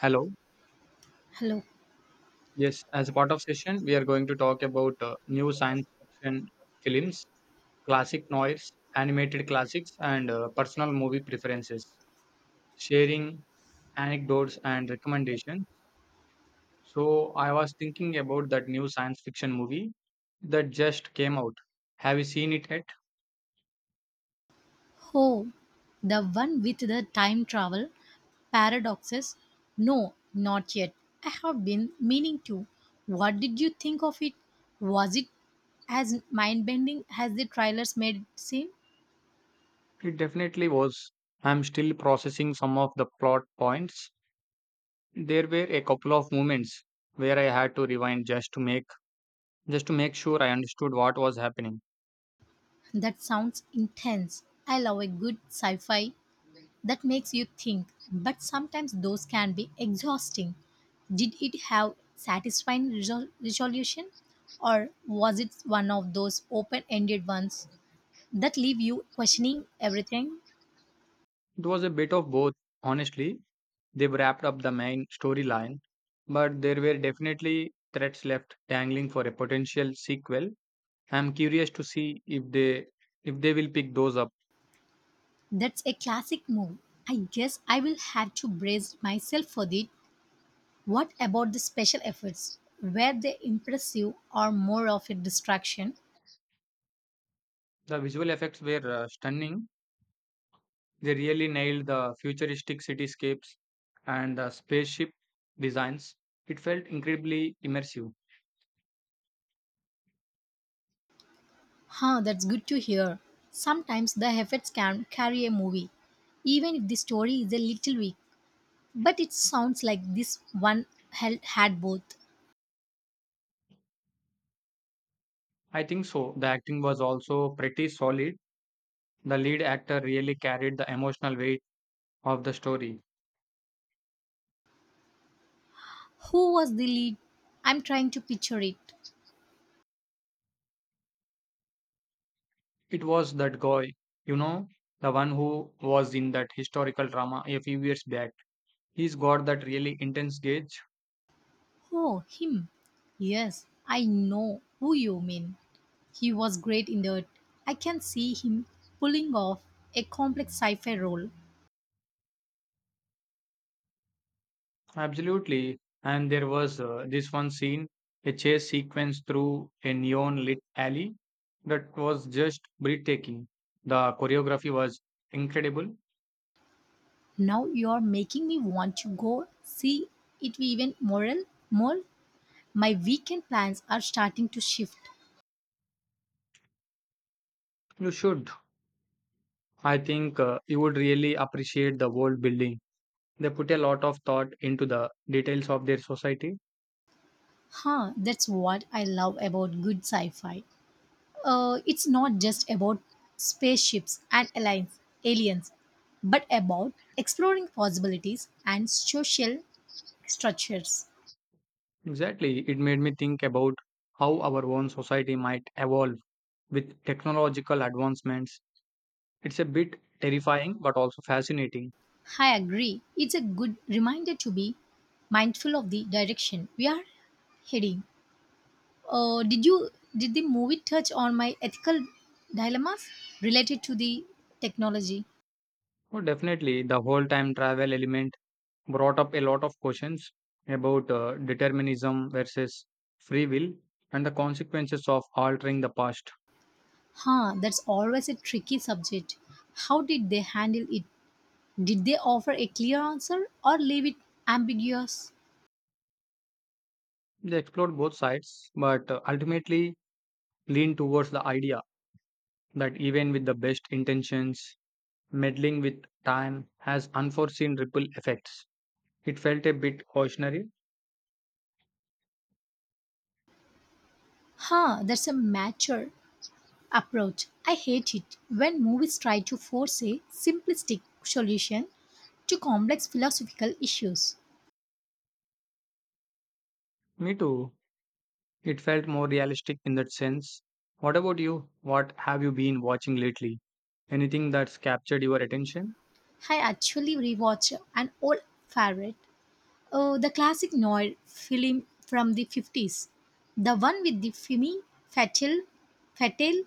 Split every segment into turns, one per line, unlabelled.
Hello.
Hello.
Yes, as a part of session, we are going to talk about new science fiction films, classic noise, animated classics, and personal movie preferences, sharing anecdotes and recommendations. So, I was thinking about that new science fiction movie that just came out. Have you seen it yet?
Oh, the one with the time travel paradoxes? No, not yet. I have been meaning to. What did you think of it? Was it as mind bending as the trailers made it seem?
It definitely was. I'm still processing some of the plot points. There were a couple of moments where I had to rewind just to make sure I understood what was happening.
That sounds intense. I love a good sci fi that makes you think, but sometimes those can be exhausting. Did it have satisfying resolution, or was it one of those open ended ones that leave you questioning everything?
It was a bit of both, honestly. They wrapped up the main storyline, but there were definitely threads left dangling for a potential sequel. I'm curious to see if they will pick those up.
That's a classic move. I guess I will have to brace myself for that. What about the special efforts? Were they impressive or more of a distraction?
The visual effects were stunning. They really nailed the futuristic cityscapes and the spaceship designs. It felt incredibly immersive.
Huh, that's good to hear. Sometimes the efforts can carry a movie, even if the story is a little weak. But it sounds like this one had both.
I think so. The acting was also pretty solid. The lead actor really carried the emotional weight of the story.
Who was the lead? I'm trying to picture it.
It was that guy, you know, the one who was in that historical drama a few years back. He's got that really intense gauge.
Oh, him. Yes, I know who you mean. He was great in that. I can see him pulling off a complex sci fi role.
Absolutely. And there was this one scene, a chase sequence through a neon lit alley that was just breathtaking. The choreography was incredible.
Now you're making me want to go see it even moral more. My weekend plans are starting to shift.
You should. I think you would really appreciate the world building. They put a lot of thought into the details of their society.
Huh, that's what I love about good sci fi. It's not just about spaceships and aliens, aliens, but about exploring possibilities and social structures.
Exactly. It made me think about how our own society might evolve with technological advancements. It's a bit terrifying but also fascinating.
I agree. It's a good reminder to be mindful of the direction we are heading. Did you did the movie touch on my ethical dilemmas related to the technology?
Oh, definitely, the whole time travel element brought up a lot of questions about determinism versus free will and the consequences of altering the past.
Huh, that's always a tricky subject. How did they handle it? Did they offer a clear answer or leave it ambiguous?
They explored both sides, but ultimately leaned towards the idea that even with the best intentions, meddling with time has unforeseen ripple effects. It felt a bit cautionary.
Huh, that's a mature approach. I hate it when movies try to force a simplistic solution to complex philosophical issues.
Me too. It felt more realistic in that sense. What about you? What have you been watching lately? Anything that's captured your attention?
I actually rewatch an old favorite, the classic noir film from the 50s, the one with the Femme Fatale, Fatale,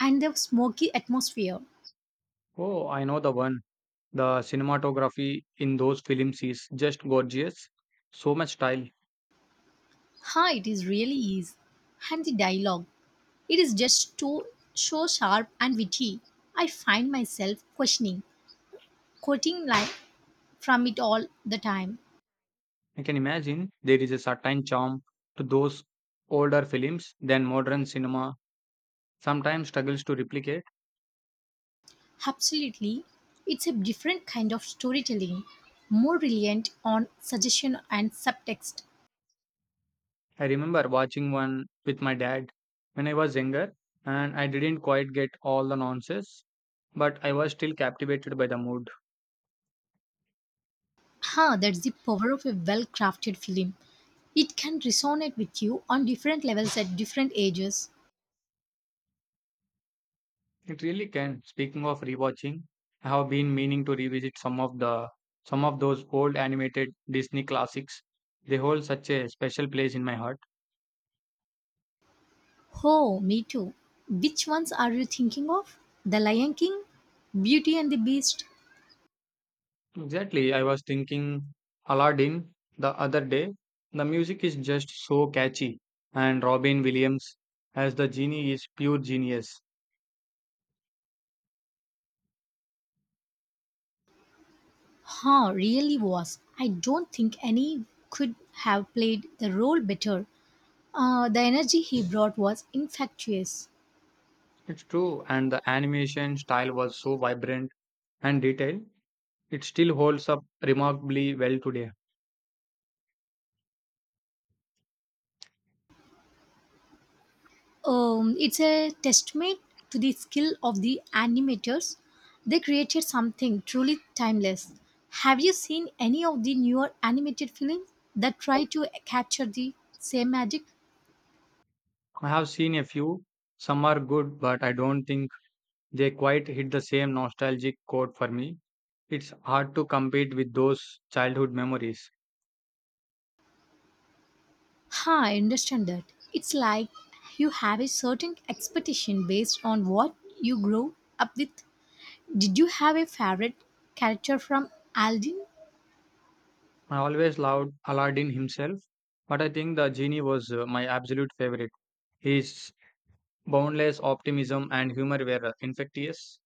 and the smoky atmosphere.
Oh, I know the one. The cinematography in those films is just gorgeous. So much style.
Ha, it is really is. And the dialogue, it is just too, so sharp and witty. I find myself quoting line from it all the time.
I can imagine there is a certain charm to those older films than modern cinema sometimes struggles to replicate.
Absolutely. It's a different kind of storytelling, more reliant on suggestion and subtext.
I remember watching one with my dad when I was younger and I didn't quite get all the nonsense but I was still captivated by the mood.
Ha, that's the power of a well crafted film. It can resonate with you on different levels at different ages.
It really can. Speaking of rewatching, I have been meaning to revisit some of those old animated Disney classics. They hold such a special place in my heart.
Oh, me too. Which ones are you thinking of? The Lion King? Beauty and the Beast?
Exactly. I was thinking Aladdin the other day. The music is just so catchy and Robin Williams as the genie is pure genius.
Huh, really was. I don't think any could have played the role better. The energy he brought was infectious.
It's true and the animation style was so vibrant and detailed. It still holds up remarkably well today.
It's a testament to the skill of the animators. They created something truly timeless. Have you seen any of the newer animated films that try to capture the same magic?
I have seen a few. Some are good, but I don't think they quite hit the same nostalgic chord for me. It's hard to compete with those childhood memories.
Huh, I understand that. It's like you have a certain expectation based on what you grow up with. Did you have a favorite character from Aladdin?
I always loved Aladdin himself, but I think the genie was my absolute favorite. His boundless optimism and humor were infectious.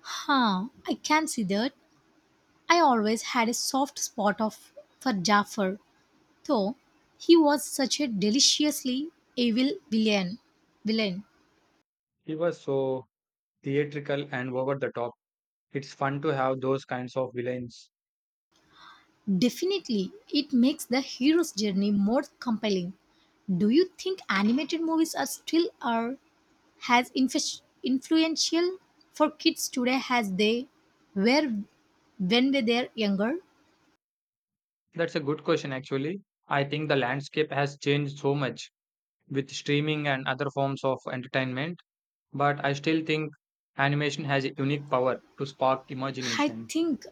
Huh, I can see that. I always had a soft spot of for Jafar. Though he was such a deliciously evil villain, villain,
He was so theatrical and over the top. It's fun to have those kinds of villains.
definitely it makes the hero's journey more compelling. Do you think animated movies are as influential for kids today as they were when they were younger?
That's a good question, actually. I think the landscape has changed so much with streaming and other forms of entertainment, but I still think animation has a unique power to spark
I
imagination.
think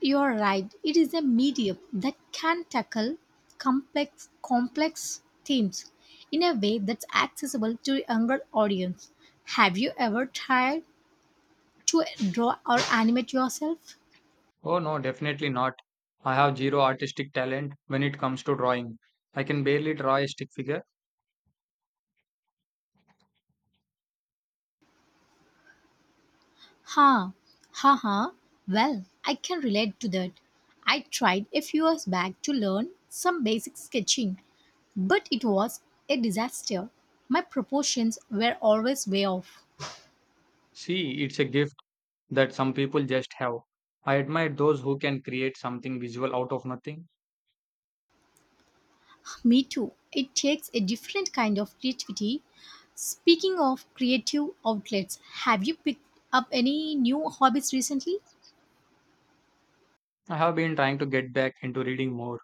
you're right. It is a medium that can tackle complex themes in a way that's accessible to a younger audience. Have you ever tried to draw or animate yourself?
Oh no, definitely not. I have zero artistic talent when it comes to drawing. I can barely draw a stick figure.
Ha, ha, ha. Well, I can relate to that. I tried a few years back to learn some basic sketching, but it was a disaster. My proportions were always way off.
See, it's a gift that some people just have. I admire those who can create something visual out of nothing.
Me too. It takes a different kind of creativity. Speaking of creative outlets, have you picked up any new hobbies recently?
I have been trying to get back into reading more.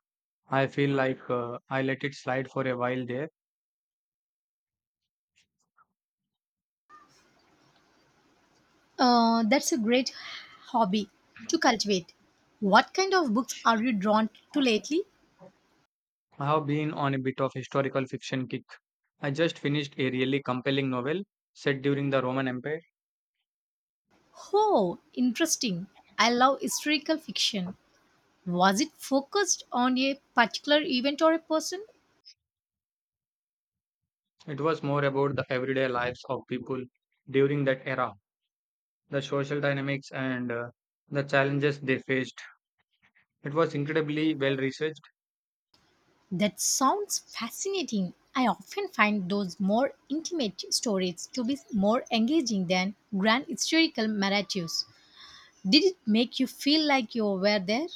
I feel like I let it slide for a while there.
That's a great hobby to cultivate. What kind of books are you drawn to lately?
I have been on a bit of historical fiction kick. I just finished a really compelling novel set during the Roman Empire.
Oh, interesting. I love historical fiction. Was it focused on a particular event or a person?
It was more about the everyday lives of people during that era, the social dynamics and the challenges they faced. It was incredibly well researched.
That sounds fascinating. I often find those more intimate stories to be more engaging than grand historical narratives. Did it make you feel like you were there?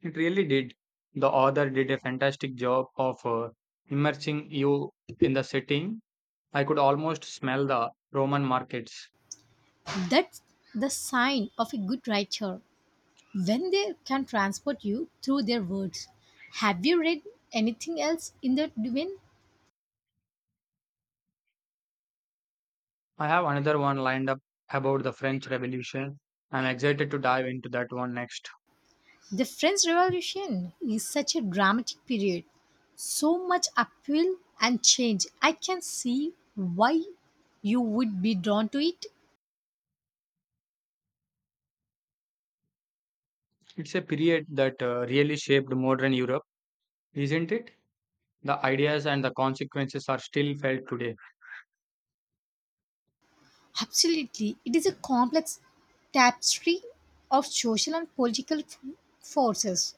It really did. The author did a fantastic job of immersing you in the setting. I could almost smell the Roman markets.
That's the sign of a good writer when they can transport you through their words. Have you read anything else in that vein?
I have another one lined up about the French Revolution. I'm excited to dive into that one next.
The French Revolution is such a dramatic period, so much upheaval and change. I can see why you would be drawn to it.
It's a period that really shaped modern Europe, isn't it? The ideas and the consequences are still felt today.
Absolutely, it is a complex tapestry of social and political forces.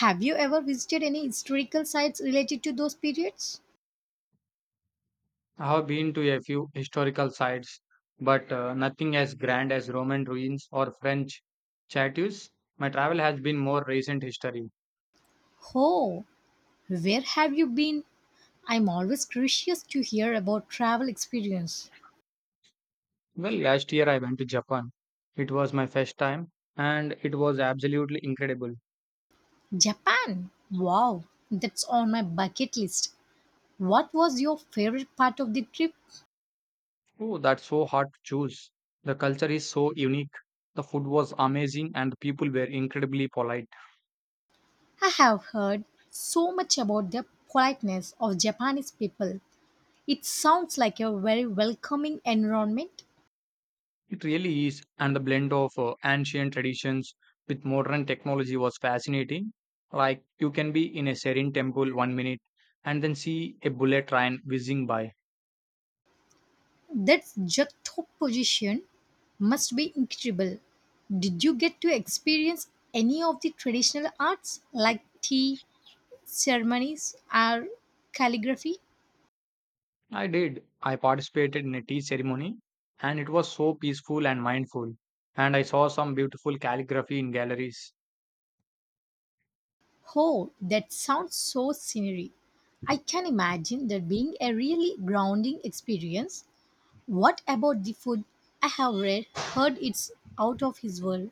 Have you ever visited any historical sites related to those periods?
I have been to a few historical sites, but nothing as grand as Roman ruins or French châteaux. My travel has been more recent history.
Oh, where have you been? I'm always curious to hear about travel experience.
Well, last year I went to Japan. It was my first time, and it was absolutely incredible.
Japan! Wow, that's on my bucket list. What was your favorite part of the trip?
Oh, that's so hard to choose. The culture is so unique. The food was amazing, and the people were incredibly polite.
I have heard so much about the politeness of Japanese people. It sounds like a very welcoming environment.
It really is, and the blend of ancient traditions with modern technology was fascinating. Like, you can be in a serene temple one minute and then see a bullet train whizzing by.
That's just top position must be incredible. Did you get to experience any of the traditional arts like tea ceremonies or calligraphy?
I did. I participated in a tea ceremony, and it was so peaceful and mindful. And I saw some beautiful calligraphy in galleries.
Oh, that sounds so scenery. I can imagine that being a really grounding experience. What about the food? I have read, heard it's out of his world.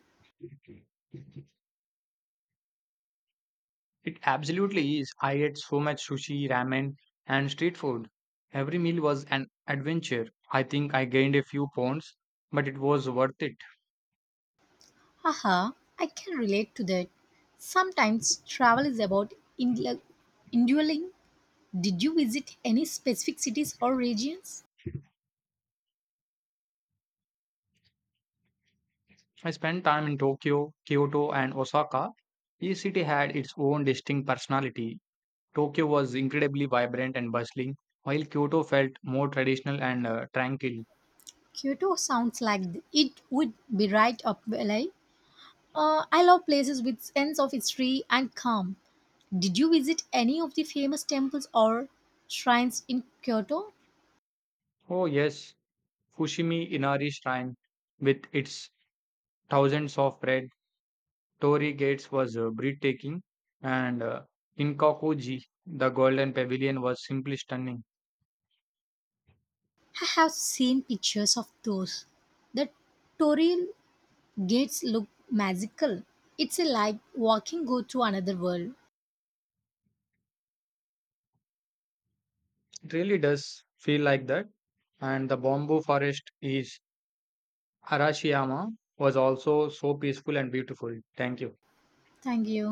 It absolutely is. I ate so much sushi, ramen, and street food. Every meal was an adventure. I think I gained a few pounds, but it was worth it.
Haha, I can relate to that. Sometimes travel is about indul- indulging. Did you visit any specific cities or regions?
I spent time in Tokyo, Kyoto, and Osaka. Each city had its own distinct personality. Tokyo was incredibly vibrant and bustling, while Kyoto felt more traditional and tranquil.
Kyoto sounds like it would be right up my alley. I love places with sense of history and calm. Did you visit any of the famous temples or shrines in Kyoto?
Oh, yes, Fushimi Inari Shrine with its thousands of red Torii Gates was breathtaking, and Kinkakuji, the Golden Pavilion, was simply stunning.
I have seen pictures of those. The Toril gates look magical. It's like walking go to another world.
It really does feel like that. And the bamboo forest is Arashiyama was also so peaceful and beautiful. Thank you.
Thank you.